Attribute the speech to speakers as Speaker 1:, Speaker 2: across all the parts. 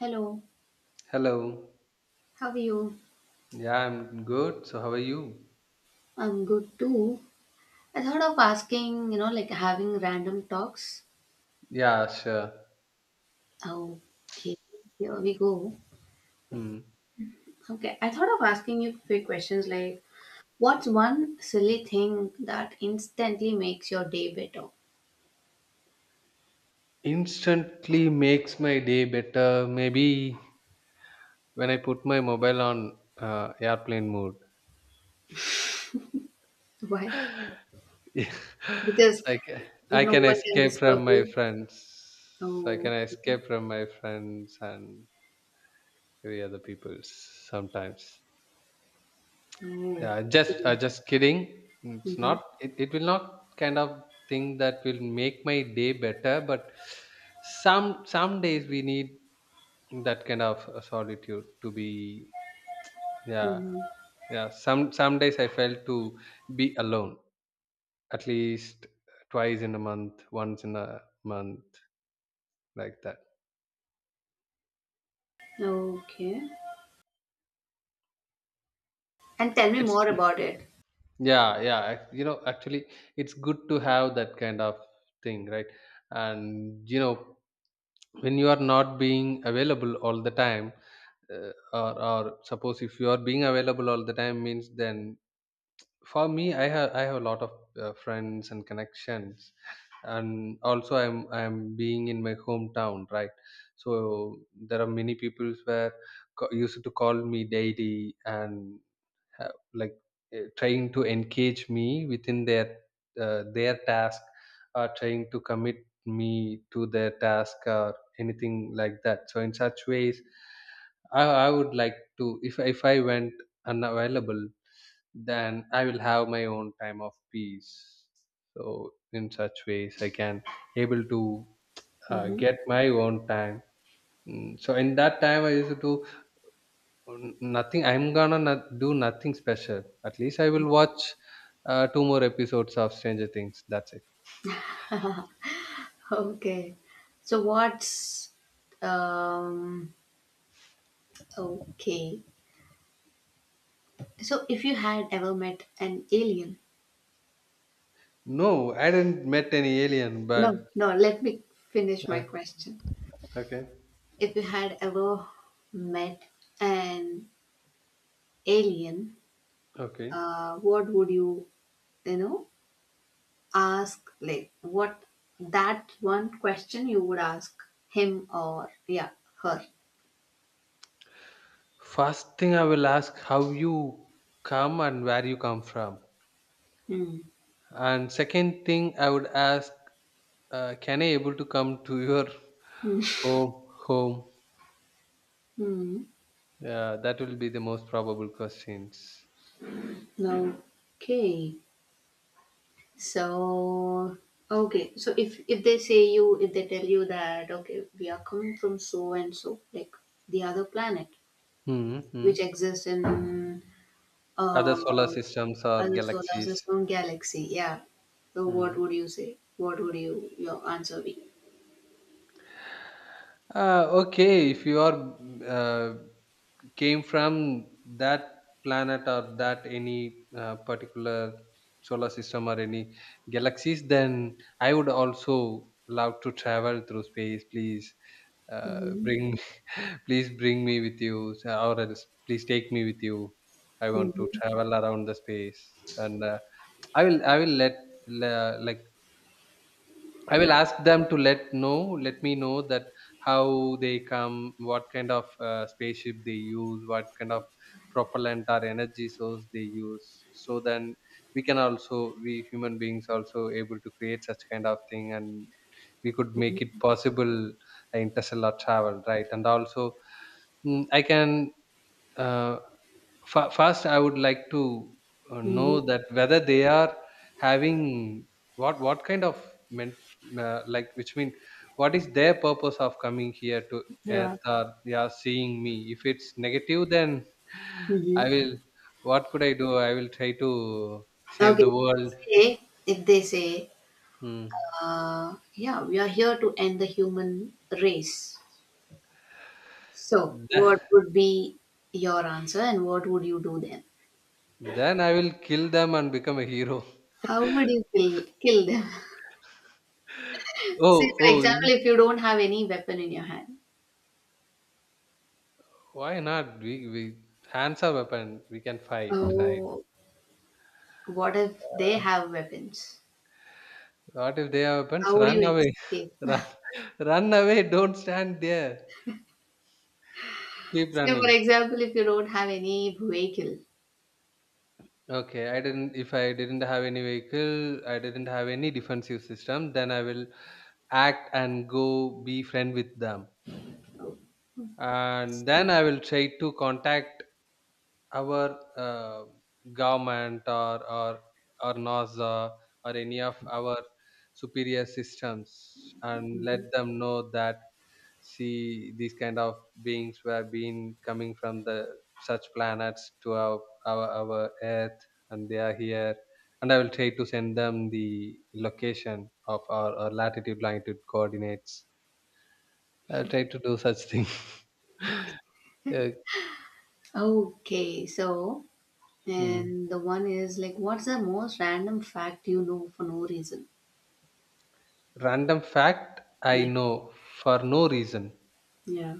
Speaker 1: Hello,
Speaker 2: Hello.
Speaker 1: how are you?
Speaker 2: Yeah, I'm good. So, how are you?
Speaker 1: I'm good too. I thought of asking, you know, like having random talks.
Speaker 2: Yeah, sure.
Speaker 1: Okay, here we go.
Speaker 2: Hmm.
Speaker 1: Okay, I thought of asking you few questions like what's one silly thing that instantly makes your day better?
Speaker 2: Instantly makes my day better. Maybe when I put my mobile on airplane mode.
Speaker 1: Why?
Speaker 2: Yeah. So
Speaker 1: Because
Speaker 2: I can, I
Speaker 1: no
Speaker 2: can
Speaker 1: one can
Speaker 2: escape
Speaker 1: disturb
Speaker 2: from my
Speaker 1: you.
Speaker 2: friends. So I can
Speaker 1: Oh, okay.
Speaker 2: escape from my friends and every other people's, sometimes.
Speaker 1: Oh,
Speaker 2: Yeah, just uh,
Speaker 1: okay.
Speaker 2: just kidding. It's
Speaker 1: Mm-hmm.
Speaker 2: not. It will not kind of thing that will make my day better. But some days we need that kind of solitude to be. Yeah,
Speaker 1: Mm-hmm.
Speaker 2: yeah. Some days I felt to be alone, at least twice in a month, once in a month, like that.
Speaker 1: Okay. And tell me
Speaker 2: It's,
Speaker 1: more about it.
Speaker 2: yeah, yeah. Actually, it's good to have that kind of thing, right? And you know, when you are not being available all the time, uh, or suppose if you are being available all the time means, then for me, I have a lot of friends and connections. And also I'm being in my hometown, right? So there are many people where used to call me daily and like trying to engage me within their their task, or trying to commit me to their task or anything like that. So in such ways, I would like to— if I went unavailable, then I will have my own time of peace. So in such ways I can able to
Speaker 1: Mm-hmm.
Speaker 2: get my own time. So in that time I used to— N nothing. I'm gonna not do nothing special. At least I will watch two more episodes of Stranger Things. That's it.
Speaker 1: Okay. So what's um okay. So if you had ever met an alien.
Speaker 2: No, I didn't met any alien,
Speaker 1: No,
Speaker 2: but—
Speaker 1: no, let me finish
Speaker 2: uh,
Speaker 1: my question.
Speaker 2: okay,
Speaker 1: If you had ever met an alien,
Speaker 2: okay.
Speaker 1: what would you, you know, ask like what that one question you would ask him or yeah, her.
Speaker 2: First thing I will ask how you come and where you come from,
Speaker 1: Hmm.
Speaker 2: and second thing I would ask, can I able to come to your
Speaker 1: Hmm.
Speaker 2: home? Home.
Speaker 1: Hmm.
Speaker 2: Yeah, that will be the most probable questions.
Speaker 1: Okay. So okay, so if they say you if they tell you that okay we are coming from so and so like the other planet
Speaker 2: Hmm. Hmm.
Speaker 1: which exists in
Speaker 2: Other
Speaker 1: uh,
Speaker 2: solar systems or
Speaker 1: other solar
Speaker 2: galaxies.
Speaker 1: system galaxy, yeah. So
Speaker 2: Hmm.
Speaker 1: what would you say? What would you your answer be?
Speaker 2: Okay, if you are uh, came from that planet, or that any particular solar system or any galaxies, then I would also love to travel through space. Please
Speaker 1: Hmm.
Speaker 2: bring me, please bring me with you, so- or else please take me with you. I want to
Speaker 1: Hmm.
Speaker 2: travel around the space, and I will let like, I will ask them to let know, let me know that how they come, what kind of spaceship they use, what kind of propellant or energy source they use. So then we can also, we human beings also able to create such kind of thing, and we could make it possible, interstellar travel, right? And also, mm, I can uh, first I would like to
Speaker 1: Hmm.
Speaker 2: know that whether they are having— what kind of men, like which mean, what is their purpose of coming here to earth,
Speaker 1: Yeah.
Speaker 2: or they are seeing me. If it's negative, then I
Speaker 1: Hmm.
Speaker 2: will what could I do? I will try to save the
Speaker 1: Okay.
Speaker 2: world.
Speaker 1: Say if they say
Speaker 2: Hmm.
Speaker 1: yeah, we are here to end the human race. So,
Speaker 2: Th-
Speaker 1: what would be your answer and what would you do then?
Speaker 2: then I will kill them and become a hero.
Speaker 1: How would you kill them? Say,
Speaker 2: Oh.
Speaker 1: for
Speaker 2: Oh, you-
Speaker 1: example, if you don't have any weapon in your hand,
Speaker 2: why not we hands are weapon, we can fight, right?
Speaker 1: oh, what if they
Speaker 2: Uh,
Speaker 1: have weapons?
Speaker 2: What if they have—
Speaker 1: How would you
Speaker 2: Run away.
Speaker 1: escape?
Speaker 2: run, run, away. Don't stand there. Keep
Speaker 1: Say, for
Speaker 2: running.
Speaker 1: example, if you don't have any vehicle.
Speaker 2: Okay, I didn't. If I didn't have any vehicle, I didn't have any defensive system, then I will act and go be friend with them, and then I will try to contact our government or NASA or any of our superior systems and
Speaker 1: Mhm.
Speaker 2: let them know that, see, these kind of beings who have been coming from the such planets to our earth, and they are here. And I will try to send them the location of our latitude longitude coordinates. I'll try to do such thing. Yeah.
Speaker 1: Okay, so,
Speaker 2: Hmm.
Speaker 1: and the one is like, what's the most random fact you know for no reason?
Speaker 2: Random fact I
Speaker 1: Yeah.
Speaker 2: know for no reason.
Speaker 1: Yeah.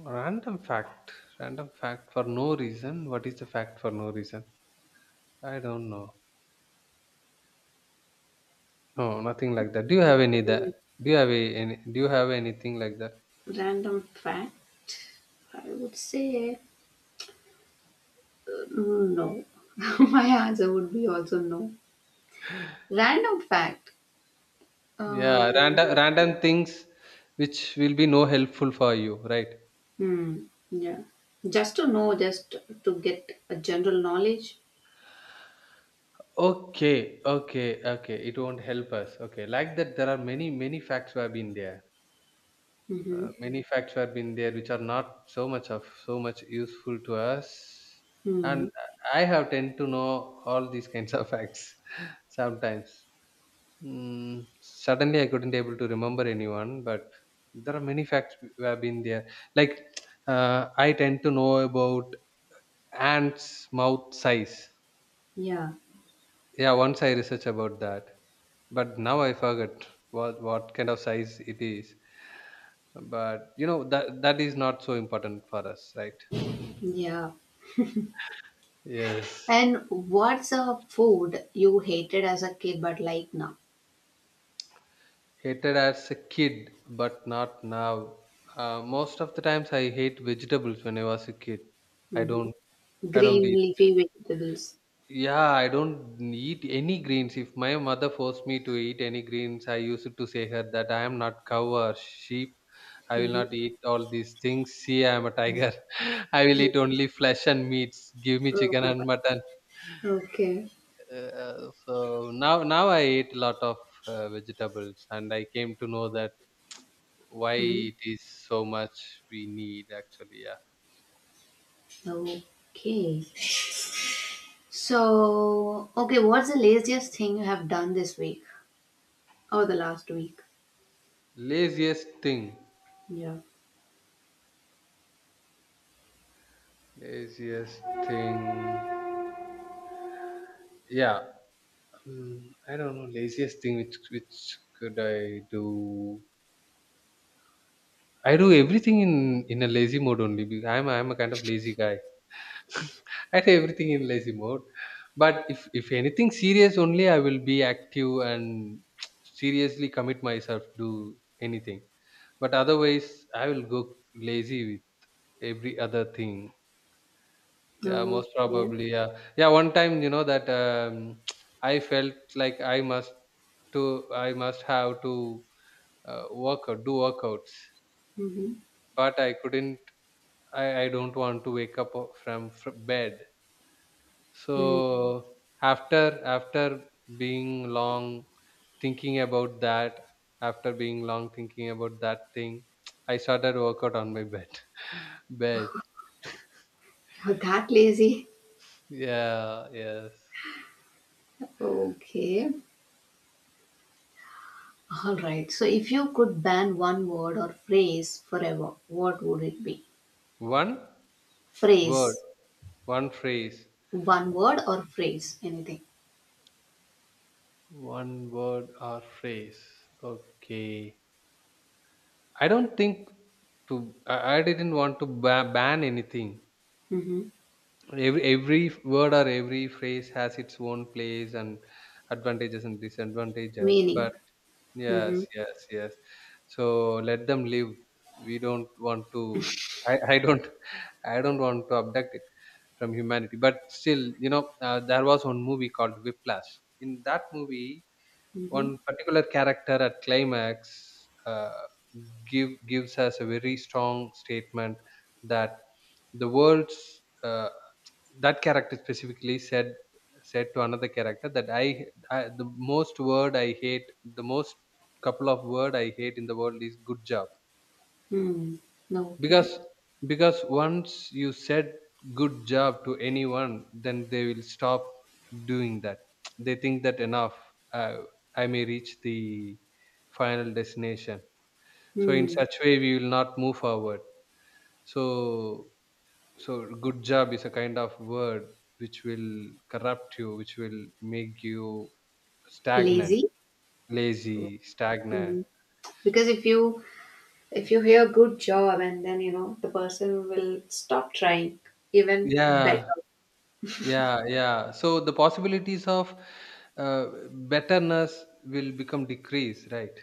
Speaker 2: Random fact. Random fact for no reason. What is the fact for no reason? I don't know. No, nothing like that. Do you have any that? Do you have a, any? Do you have anything like that?
Speaker 1: Random fact, I would say. Mm, no. My answer would be also no. Random fact. Um,
Speaker 2: Yeah, random things which will be no helpful for you, right?
Speaker 1: hmm, yeah. Just to know, just to get a general knowledge.
Speaker 2: Okay, okay, okay. It won't help us. Okay, like that. There are many facts who have been there. Uh,
Speaker 1: Mm-hmm.
Speaker 2: many facts who have been there which are not so much of so much useful to us. And
Speaker 1: Hmm.
Speaker 2: I have tend to know all these kinds of facts sometimes. Mm, suddenly I couldn't able to remember anyone, but there are many facts who have been there. Like I tend to know about ants' mouth size.
Speaker 1: Yeah.
Speaker 2: Yeah, once I researched about that, but now I forget what kind of size it is. But you know that that is not so important for us, right?
Speaker 1: Yeah.
Speaker 2: Yes.
Speaker 1: And what's a food you hated as a kid but like now?
Speaker 2: Hated as a kid, but not now. Most of the times I hate vegetables when I was a kid. I don't—
Speaker 1: Mm-hmm.
Speaker 2: I don't
Speaker 1: Green
Speaker 2: eat.
Speaker 1: leafy vegetables.
Speaker 2: Yeah, I don't eat any greens. If my mother forced me to eat any greens, I used to say her that I am not cow or sheep. I will
Speaker 1: Mm-hmm.
Speaker 2: not eat all these things. See, I am a tiger. I will eat only flesh and meats. Give me chicken
Speaker 1: Oh,
Speaker 2: and mutton.
Speaker 1: okay.
Speaker 2: So now, now I eat a lot of vegetables, and I came to know that why
Speaker 1: Hmm.
Speaker 2: it is so much we need, actually. Yeah,
Speaker 1: Okay. So, okay, what's the laziest thing you have done this week? Oh, the last week.
Speaker 2: laziest thing.
Speaker 1: Yeah.
Speaker 2: Laziest thing. Yeah. Mm, I don't know laziest thing which could I do. I do everything in a lazy mode only. Because I'm a kind of lazy guy. I do everything in lazy mode. But if anything serious only, I will be active and seriously commit myself to anything. But otherwise, I will go lazy with every other thing. Yeah, most
Speaker 1: Okay.
Speaker 2: probably. Yeah, yeah. One time, you know that I felt like I must to— I must have to workout, do workouts.
Speaker 1: Mm-hmm.
Speaker 2: But I couldn't. I don't want to wake up from bed.
Speaker 1: Mm.
Speaker 2: So after being long thinking about that, after being long thinking about that thing, I started workout on my bed. Bed.
Speaker 1: You're that lazy.
Speaker 2: Yeah. Yes.
Speaker 1: Okay. All right. So, if you could ban one word or phrase forever, what would it be?
Speaker 2: One word.
Speaker 1: Phrase.
Speaker 2: One phrase.
Speaker 1: One word or phrase. Anything.
Speaker 2: One word or phrase. Okay. I don't think to— I didn't want to ban anything.
Speaker 1: Mm-hmm.
Speaker 2: Every word or every phrase has its own place and advantages and disadvantages. But
Speaker 1: Meaning.
Speaker 2: yes,
Speaker 1: Mm-hmm.
Speaker 2: yes, yes. So let them live. We don't want to. I don't. I don't want to abduct it from humanity. But still, you know, there was one movie called Whiplash. In that movie,
Speaker 1: Mm-hmm.
Speaker 2: one particular character at climax gives us a very strong statement that the world's— uh, that character specifically said, said to another character that, I the most word I hate, the most couple of word I hate in the world, is good job.
Speaker 1: Mm. No.
Speaker 2: because
Speaker 1: Okay.
Speaker 2: because once you said good job to anyone, then they will stop doing that. They think that, enough, uh, I may reach the final destination. So in
Speaker 1: Mm.
Speaker 2: such way, we will not move forward. So so good job is a kind of word which will corrupt you, which will make you stagnant.
Speaker 1: Lazy.
Speaker 2: Lazy. Stagnant.
Speaker 1: Mm-hmm. Because if you hear good job and then you know the person will stop trying even
Speaker 2: Yeah.
Speaker 1: better.
Speaker 2: Yeah, yeah. So the possibilities of uh, betterness will become decreased, right?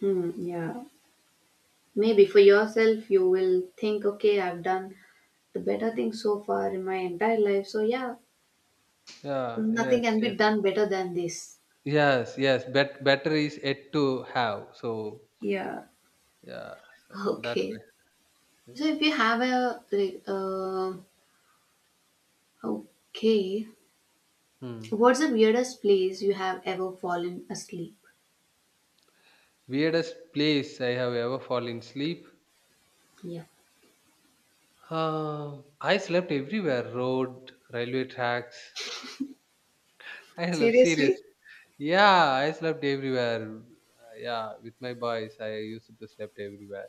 Speaker 1: Mm. Yeah. Maybe for yourself, you will think, okay, I've done the better thing so far in my entire life. So, yeah,
Speaker 2: Yeah, yes,
Speaker 1: nothing can
Speaker 2: yes.
Speaker 1: be done better than this.
Speaker 2: Yes, yes. Better is yet to have. So
Speaker 1: Yeah.
Speaker 2: yeah, that
Speaker 1: Okay.
Speaker 2: way.
Speaker 1: So,
Speaker 2: Yes.
Speaker 1: if you have a, okay,
Speaker 2: Hmm.
Speaker 1: what's the weirdest place you have ever fallen asleep?
Speaker 2: Weirdest place I have ever fallen asleep.
Speaker 1: Yeah.
Speaker 2: I slept everywhere: road, railway tracks. I slept, serious.
Speaker 1: Seriously?
Speaker 2: Yeah, I slept everywhere. Yeah, with my boys, I used to slept everywhere.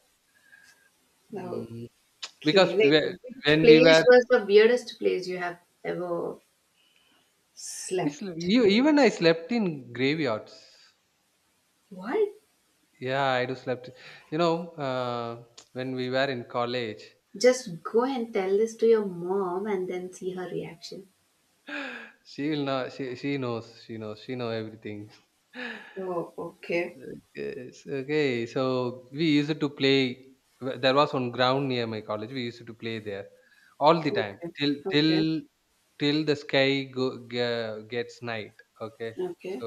Speaker 2: Hmm.
Speaker 1: Okay.
Speaker 2: Because
Speaker 1: Like, which
Speaker 2: when we
Speaker 1: place
Speaker 2: were—
Speaker 1: was the weirdest place you have ever slept?
Speaker 2: you even, I slept in graveyards.
Speaker 1: What?
Speaker 2: Yeah, I do slept. You know, when we were in college,
Speaker 1: Just go and tell this to your mom and then see her reaction.
Speaker 2: she will know. She knows. She knows. She know everything.
Speaker 1: Oh, okay.
Speaker 2: Yes, okay, so we used to play. There was one ground near my college. We used to play there all the time,
Speaker 1: Okay.
Speaker 2: till till
Speaker 1: Okay.
Speaker 2: till the sky go, gets night. Okay. so
Speaker 1: Okay.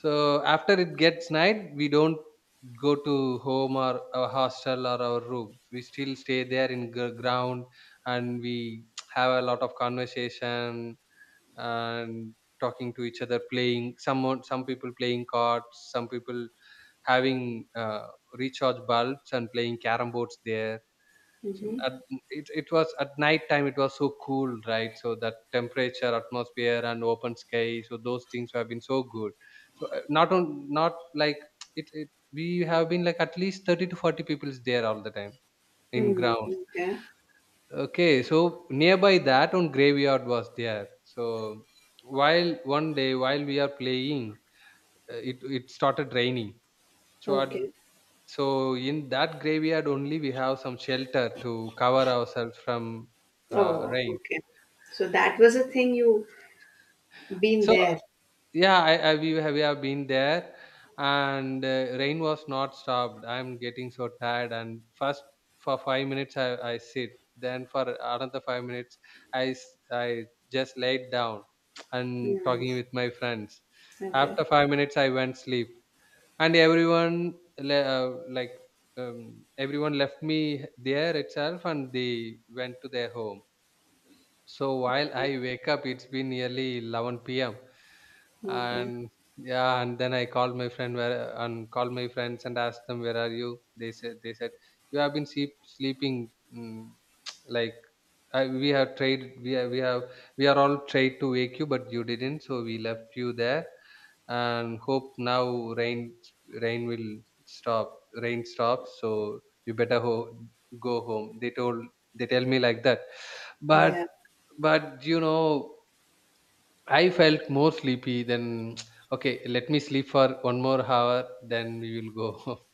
Speaker 2: so after it gets night, we don't go to home or our hostel or our room, we still stay there in ground. And we have a lot of conversation and talking to each other, playing some people playing cards, some people having uh, recharge bulbs and playing carom boards there. So
Speaker 1: Hmm.
Speaker 2: at— it was at night time, it was so cool, right? So that temperature, atmosphere, and open sky, so those things have been so good. So not on not like, it we have been like at least 30 to 40 people is there all the time in
Speaker 1: Mm,
Speaker 2: ground.
Speaker 1: okay.
Speaker 2: Okay, so nearby that one graveyard was there. So while one day while we are playing, it started raining. So at—
Speaker 1: Okay.
Speaker 2: so in that graveyard only we have some shelter to cover ourselves from
Speaker 1: Oh,
Speaker 2: rain.
Speaker 1: okay. So that was a thing you been
Speaker 2: So
Speaker 1: there.
Speaker 2: yeah, we have been there, and rain was not stopped. I'm getting so tired, and first for 5 minutes I sit, then for another 5 minutes I just laid down and
Speaker 1: Yeah.
Speaker 2: talking with my friends.
Speaker 1: Okay.
Speaker 2: After 5 minutes I went sleep. And everyone le- uh, like everyone left me there itself and they went to their home. So while I wake up, it's been nearly 11 p.m.
Speaker 1: Okay.
Speaker 2: and yeah and then I called my friends and asked them where are you. They said you have been sleeping. mm, like, I, we have tried we have, we have we are all tried to wake you but you didn't, so we left you there and hope now rain will rain stops, so you better go home, they told. They tell me like that. But
Speaker 1: Yeah.
Speaker 2: you know, I felt more sleepy than, okay, let me sleep for one more hour, then we will go.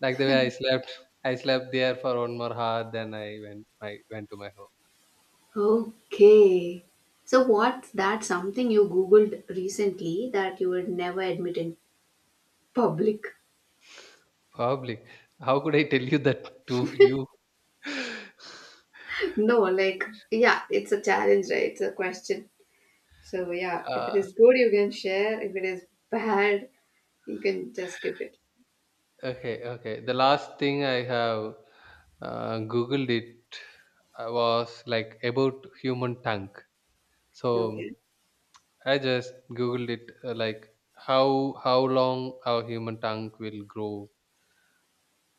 Speaker 2: like the way I slept there for one more hour, then I went to my home.
Speaker 1: Okay. So, what's that something you Googled recently that you would never admit in public?
Speaker 2: Probably. How could I tell you that to you?
Speaker 1: No, like, yeah, it's a challenge, right? It's a question. So yeah,
Speaker 2: Uh,
Speaker 1: if it is good, you can share. If it is bad, you can just skip it.
Speaker 2: okay, okay. The last thing I have googled it was like about human tongue. So
Speaker 1: Okay.
Speaker 2: I just googled it, like how long our human tongue will grow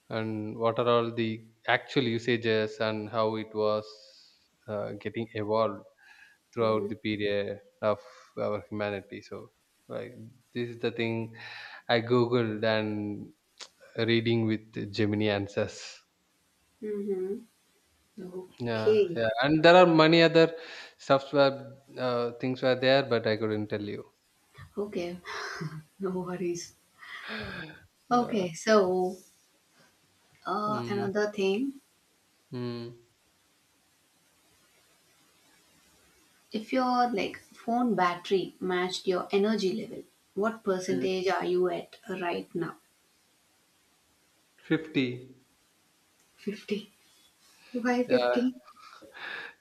Speaker 2: and what are all the actual usages and how it was getting evolved
Speaker 1: Mm-hmm.
Speaker 2: throughout the period of our humanity. So, like, this is the thing I googled and reading with Gemini answers.
Speaker 1: Mm-hmm.
Speaker 2: yeah
Speaker 1: Okay.
Speaker 2: yeah and there are many other software things were there, but I couldn't tell you.
Speaker 1: Okay. No worries.
Speaker 2: yeah.
Speaker 1: Okay. So
Speaker 2: mm,
Speaker 1: another thing,
Speaker 2: mm,
Speaker 1: if your like phone battery matched your energy level, what
Speaker 2: mm.
Speaker 1: percentage are you at right now?
Speaker 2: 50.
Speaker 1: 50. Why
Speaker 2: Yeah,
Speaker 1: 50?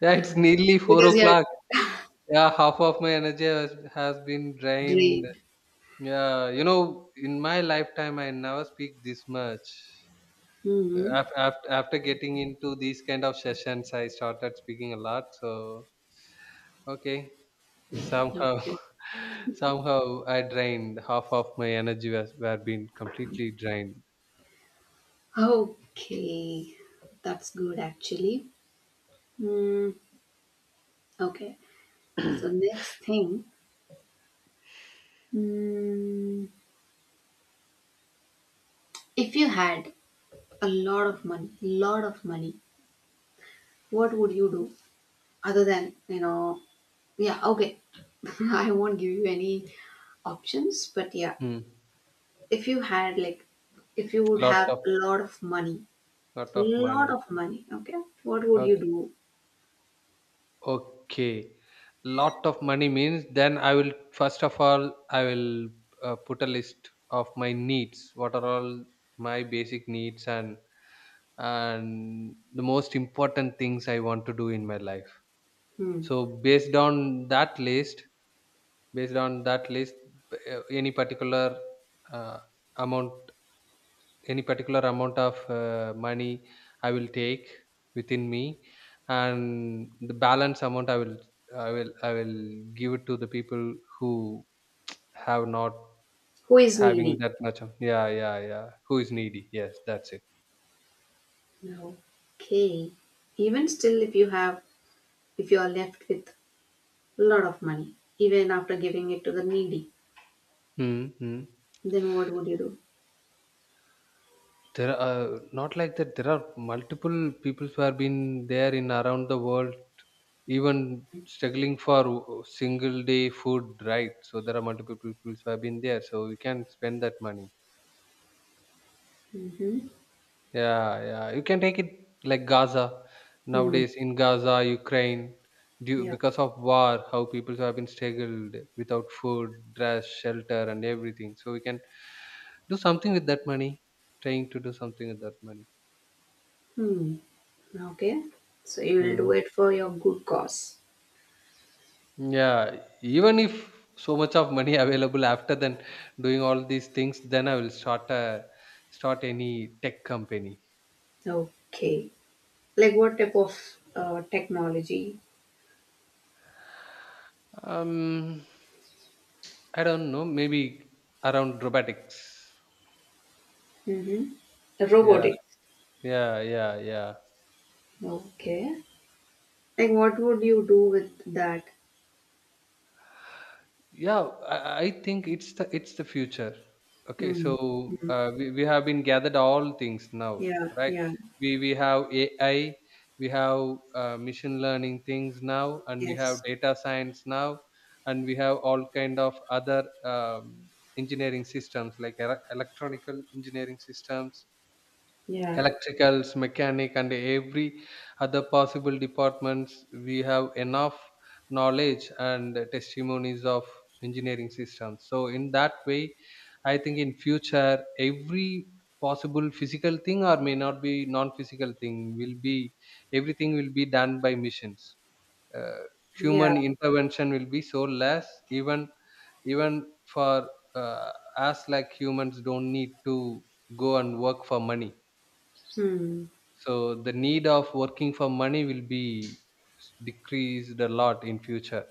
Speaker 2: yeah, it's nearly four
Speaker 1: Because you're
Speaker 2: o'clock Yeah, half of my energy has been drained.
Speaker 1: drained.
Speaker 2: Yeah, you know, in my lifetime, I never speak this much.
Speaker 1: Mm-hmm.
Speaker 2: After getting into these kind of sessions, I started speaking a lot. So, okay, somehow,
Speaker 1: Okay.
Speaker 2: somehow I drained half of my energy was were been completely drained.
Speaker 1: Okay. That's good actually. Hmm. Okay, so next thing, mm, if you had a lot of money, what would you do other than, you know, yeah, okay, I won't give you any options, but yeah,
Speaker 2: Hmm.
Speaker 1: if you had like, if you would
Speaker 2: Lot
Speaker 1: have
Speaker 2: of
Speaker 1: a
Speaker 2: lot of
Speaker 1: lot
Speaker 2: money.
Speaker 1: of money, okay, what would you do?
Speaker 2: Okay. Lot of money means then I will, first of all, I will put a list of my needs. What are all my basic needs and the most important things I want to do in my life.
Speaker 1: Hmm.
Speaker 2: So based on that list, based on that list, b- any particular uh, amount, any particular amount of money I will take within me, and the balance amount I will give it to the people who have not
Speaker 1: Who is
Speaker 2: having
Speaker 1: needy?
Speaker 2: that much. Yeah, yeah, yeah. Who is needy? Yes, that's it.
Speaker 1: No. Okay. Even still, if you have, if you are left with a lot of money, even after giving it to the needy,
Speaker 2: Mm-hmm.
Speaker 1: then what would you do?
Speaker 2: There are not like that. There are multiple people who have been there in around the world, even struggling for single day food, right? So there are multiple people who have been there. So we can spend that money.
Speaker 1: Mhm.
Speaker 2: Yeah, yeah. You can take it like Gaza.
Speaker 1: Hmm.
Speaker 2: Nowadays in Gaza, Ukraine, due
Speaker 1: Yeah.
Speaker 2: because of war, how people have been struggled without food, dress, shelter, and everything. So we can do something with that money. Trying to do something with that money.
Speaker 1: Hmm. Okay. So you will
Speaker 2: Hmm.
Speaker 1: do it for your good cause.
Speaker 2: Yeah, even if so much of money available after then doing all these things, then I will start a start any tech company.
Speaker 1: Okay. Like what type of technology?
Speaker 2: Um, I don't know. Maybe around robotics.
Speaker 1: Mm-hmm.
Speaker 2: Yeah.
Speaker 1: Robotics.
Speaker 2: yeah yeah yeah
Speaker 1: Okay. Like what would you do with that?
Speaker 2: yeah. I think it's the future. Okay,
Speaker 1: Hmm.
Speaker 2: so
Speaker 1: Hmm.
Speaker 2: we have been gathered all things now,
Speaker 1: Yeah.
Speaker 2: right?
Speaker 1: Yeah.
Speaker 2: We have AI, we have machine learning things now, and we have
Speaker 1: Yes.
Speaker 2: data science now, and we have all kind of other engineering systems, like electronical engineering systems,
Speaker 1: Yeah.
Speaker 2: electricals, mechanic, and every other possible departments. We have enough knowledge and testimonies of engineering systems. So in that way, I think in future every possible physical thing or may not be non-physical thing will be, everything will be done by machines. Uh,
Speaker 1: Yeah.
Speaker 2: Human intervention will be so less, even for uh, us, like humans don't need to go and work for money.
Speaker 1: Hmm.
Speaker 2: So the need of working for money will be decreased a lot in future.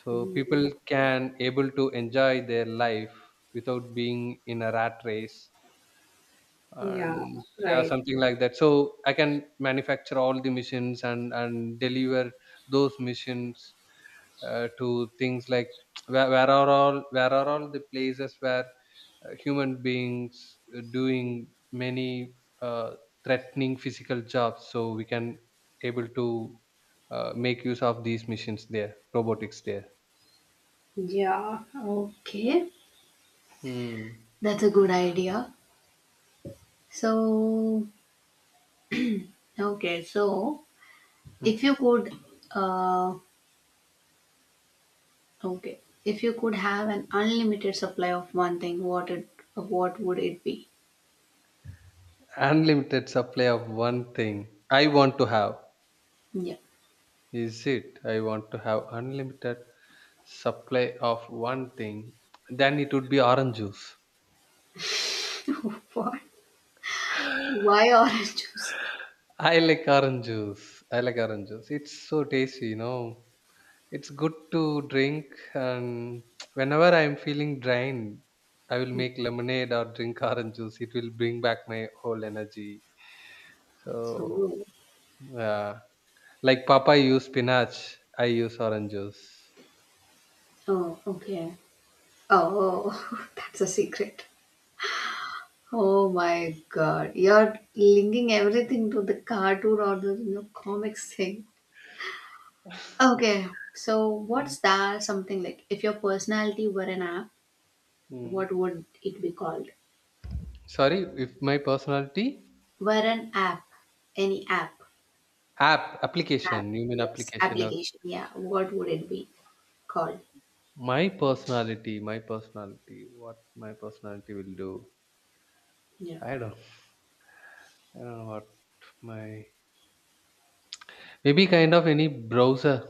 Speaker 2: So
Speaker 1: Hmm.
Speaker 2: people can able to enjoy their life without being in a rat race,
Speaker 1: Yeah.
Speaker 2: and yeah,
Speaker 1: Right.
Speaker 2: something like that. So I can manufacture all the missions and deliver those missions to things like, where are all the places where human beings doing many uh, threatening physical jobs, so we can able to make use of these machines there, robotics there.
Speaker 1: Yeah. Okay.
Speaker 2: Hmm.
Speaker 1: That's a good idea. So, okay. So,
Speaker 2: Hmm.
Speaker 1: if you could, uh, okay, if you could have an unlimited supply of one thing, what would it be?
Speaker 2: Unlimited supply of one thing I want to have.
Speaker 1: Yeah.
Speaker 2: Is it, I want to have unlimited supply of one thing, then it would be orange juice.
Speaker 1: What? Why orange juice?
Speaker 2: i like orange juice I like orange juice, it's so tasty, you know. It's good to drink, and whenever I'm feeling drained, I will make lemonade or drink orange juice. It will bring back my whole energy. So,
Speaker 1: Oh,
Speaker 2: yeah, like Papa use spinach, I use orange juice.
Speaker 1: oh, okay. Oh, that's a secret. Oh my god, you're linking everything to the cartoon or the you know, comics thing. Okay, so
Speaker 2: Mm.
Speaker 1: what's that something like? If your personality were an app,
Speaker 2: Mm.
Speaker 1: what would it be called?
Speaker 2: Sorry, if my personality
Speaker 1: Were an app, any app.
Speaker 2: app,
Speaker 1: app
Speaker 2: application, you mean
Speaker 1: yes,
Speaker 2: application of
Speaker 1: application, yeah, what would it be called?
Speaker 2: my personality, what my personality will do.
Speaker 1: Yeah.
Speaker 2: I don't know what my, maybe kind of any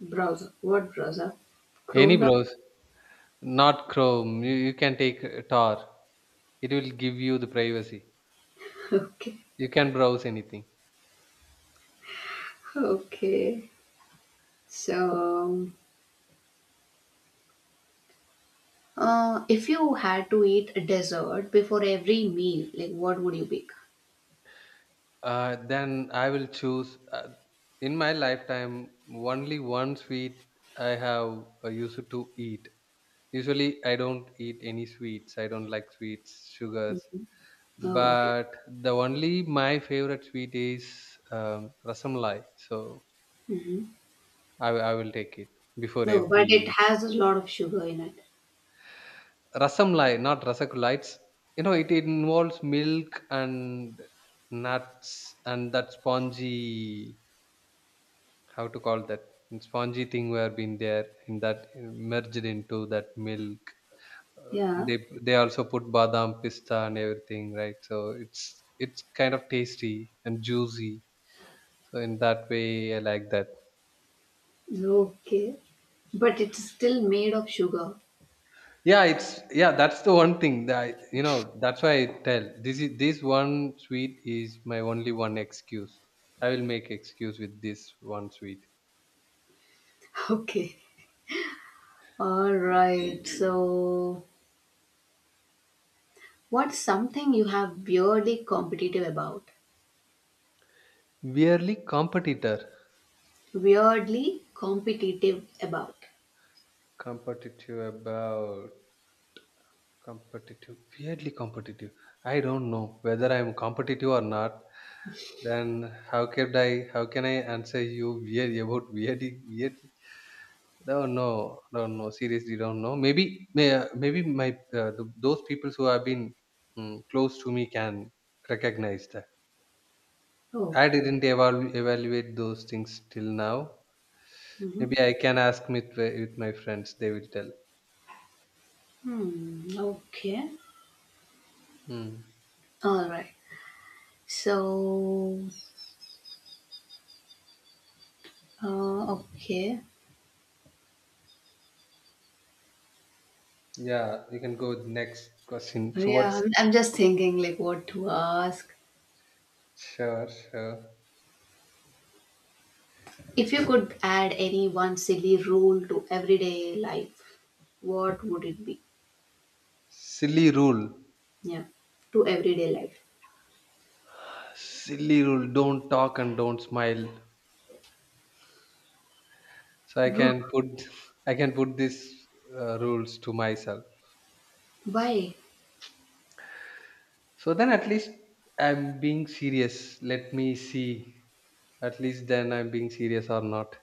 Speaker 1: Browser, what browser,
Speaker 2: any
Speaker 1: chrome browser?
Speaker 2: browser. Not Chrome. You can take Tor. It will give you the privacy.
Speaker 1: Okay.
Speaker 2: You can browse anything.
Speaker 1: Okay, so if you had to eat a dessert before every meal, like what would you pick?
Speaker 2: Then I will choose. In my lifetime, only one sweet I have used to eat. Usually, I don't eat any sweets. I don't like sweets, sugars.
Speaker 1: Mm. Oh, okay.
Speaker 2: But the only my favorite sweet is rasamlai. So
Speaker 1: Hmm.
Speaker 2: I will take it before
Speaker 1: No, but it
Speaker 2: every.
Speaker 1: has a lot of sugar in it.
Speaker 2: Rasamlai, not Rasagulites. You know, it involves milk and nuts and that spongy, how to call that spongy thing where been there in that merged into that milk. Uh,
Speaker 1: Yeah.
Speaker 2: they they also put badam, pista, and everything, right? So it's kind of tasty and juicy. So in that way, I like that.
Speaker 1: Okay, but it's still made of sugar.
Speaker 2: Yeah, it's, yeah, that's the one thing that I, you know, that's why I tell, this is this one sweet is my only one excuse. I will make excuse with this one sweet.
Speaker 1: Okay, all right. So, what's something you have weirdly competitive about?
Speaker 2: Weirdly competitor.
Speaker 1: Weirdly competitive about.
Speaker 2: Competitive about. Competitive. I don't know whether I am competitive or not, then how can I answer you weird about, weirdly. Don't know, don't know. Seriously, don't know. Maybe my, those people who have been close to me can recognize that.
Speaker 1: Oh,
Speaker 2: I didn't evaluate those things till now.
Speaker 1: mm-hmm.
Speaker 2: Maybe I can ask with my friends. They will tell.
Speaker 1: Hmm, okay.
Speaker 2: Mm.
Speaker 1: All right. So, okay.
Speaker 2: Yeah, you can go with next question. So
Speaker 1: Yeah,
Speaker 2: what's,
Speaker 1: I'm just thinking like what to ask.
Speaker 2: sure, sure.
Speaker 1: If you could add any one silly rule to everyday life, what would it be?
Speaker 2: Silly rule.
Speaker 1: Yeah, to everyday life.
Speaker 2: Silly rule. Don't talk and don't smile. So I can put, I can put these rules to myself.
Speaker 1: Why?
Speaker 2: So then at least I'm being serious. Let me see. At least then I'm being serious or not.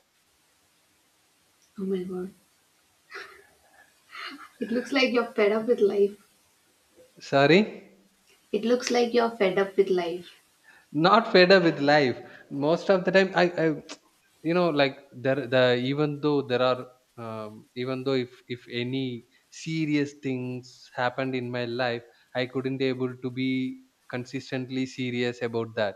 Speaker 1: Oh my god. It looks like you're fed up with life.
Speaker 2: Sorry?
Speaker 1: It looks like you're fed up with life.
Speaker 2: Not fed up with life. Most of the time I you know, like, there the, even though there are even though if any serious things happened in my life, I couldn't able to be consistently serious about that.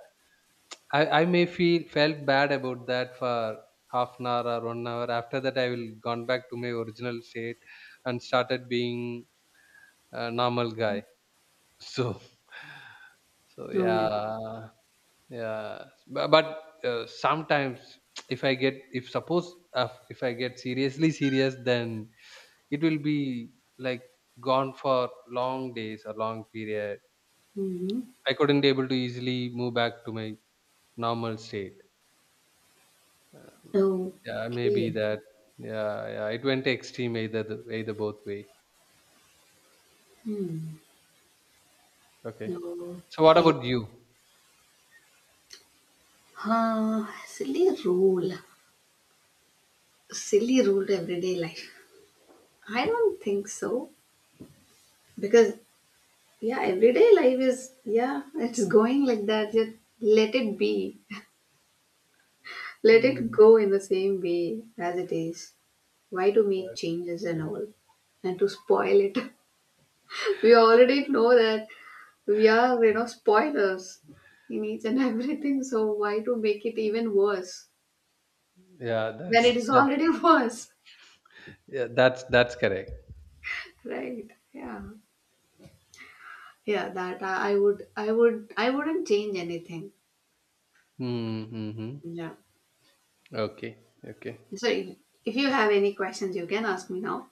Speaker 2: I may feel felt bad about that for 1/2 hour or 1 hour. After that, I will gone back to my original state and started being a normal guy. So, so
Speaker 1: Oh my god.
Speaker 2: yeah, yeah. But, sometimes, if I get, if suppose if I get seriously serious, then it will be like gone for long days or long period.
Speaker 1: Hmm.
Speaker 2: I couldn't able to easily move back to my normal state. Yeah, maybe
Speaker 1: Okay.
Speaker 2: that. Yeah, yeah. It went extreme either the, either both way.
Speaker 1: Hmm.
Speaker 2: Okay. So what
Speaker 1: Okay.
Speaker 2: about you?
Speaker 1: Huh. Silly rule. Silly rule to everyday life. I don't think so. Because, yeah, everyday life is, yeah, it's going like that. Just let it be. Let it
Speaker 2: Mm,
Speaker 1: go in the same way as it is. Why to make changes and all? And to spoil it? We already know that we are, you know, spoilers in each and everything, so why to make it even worse
Speaker 2: yeah,
Speaker 1: when it
Speaker 2: that's
Speaker 1: is
Speaker 2: that.
Speaker 1: already worse,
Speaker 2: Yeah, that's correct.
Speaker 1: right? Yeah, yeah, that I would, I would, I wouldn't change anything,
Speaker 2: Mm-hmm.
Speaker 1: yeah.
Speaker 2: Okay. Okay.
Speaker 1: So if you have any questions you can ask me now.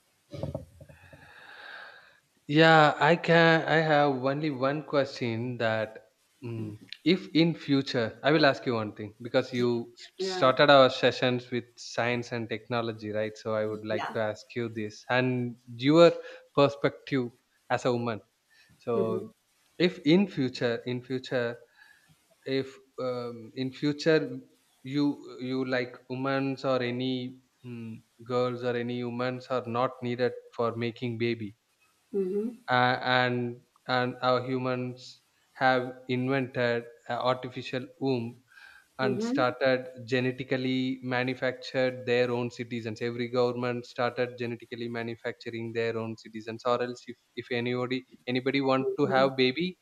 Speaker 2: Yeah, I can. I have only one question that, mm, if in future I will ask you one thing because
Speaker 1: Yeah.
Speaker 2: you
Speaker 1: Yeah.
Speaker 2: started our sessions with science and technology, right? So I would like
Speaker 1: Yeah.
Speaker 2: to ask you this and your perspective as a woman. So
Speaker 1: Mm-hmm.
Speaker 2: if in future, in future, if in future, you like humans or any girls or any humans are not needed for making baby,
Speaker 1: Mm-hmm.
Speaker 2: and our humans have invented a artificial womb and
Speaker 1: Mm-hmm.
Speaker 2: started genetically manufactured their own citizens, every government started genetically manufacturing their own citizens, or else if anybody want to have baby,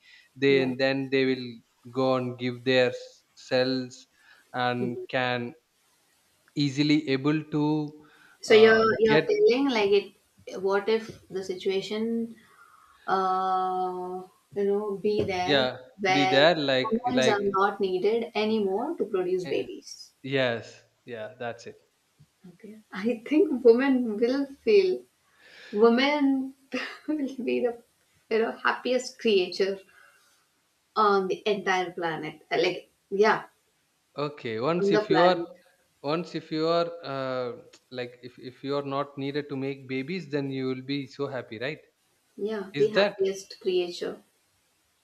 Speaker 1: Yeah.
Speaker 2: then they will go and give their cells and
Speaker 1: Mhm.
Speaker 2: can easily able to
Speaker 1: So you're
Speaker 2: get,
Speaker 1: telling like it what if the situation uh, you know, be there
Speaker 2: yeah, be
Speaker 1: where
Speaker 2: there,
Speaker 1: women
Speaker 2: like,
Speaker 1: are not needed anymore to produce
Speaker 2: eh,
Speaker 1: babies.
Speaker 2: yes, yeah, that's it.
Speaker 1: Okay. I think women will feel women will be the you know happiest creature on the entire planet. Like yeah,
Speaker 2: Okay,
Speaker 1: on
Speaker 2: once
Speaker 1: the
Speaker 2: if you
Speaker 1: planet.
Speaker 2: are Once if you are like, if you are not needed to make babies, then you will be so happy, right?
Speaker 1: Yeah,
Speaker 2: Is
Speaker 1: the
Speaker 2: that.
Speaker 1: happiest creature.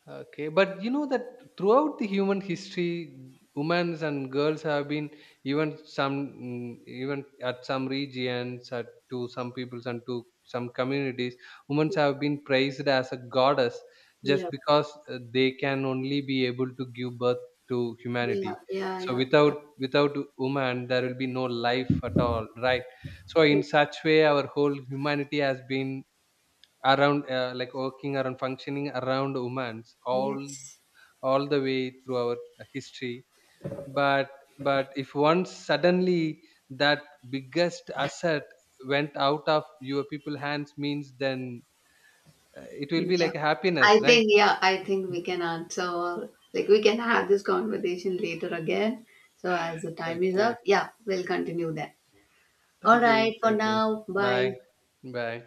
Speaker 2: Okay, but you know that throughout the human history, women and girls have been, even some, even at some regions, at to some peoples and to some communities, women have been praised as a goddess just
Speaker 1: Yeah.
Speaker 2: because they can only be able to give birth to
Speaker 1: Yeah,
Speaker 2: humanity.
Speaker 1: yeah,
Speaker 2: So
Speaker 1: yeah.
Speaker 2: without woman, there will be no life at all, right? So in
Speaker 1: Yeah.
Speaker 2: such way, our whole humanity has been around, like working around functioning around humans,
Speaker 1: Yes.
Speaker 2: all the way through our history. But if once suddenly that biggest asset went out of your people hands means, then it will be
Speaker 1: Yeah.
Speaker 2: like happiness,
Speaker 1: I
Speaker 2: right?
Speaker 1: think, yeah, I think we can answer, like, we can have this conversation later again. So, as the time is
Speaker 2: okay,
Speaker 1: up, yeah, we'll continue that. All
Speaker 2: thank you.
Speaker 1: right, for
Speaker 2: Thank you,
Speaker 1: now, bye.
Speaker 2: bye. Bye.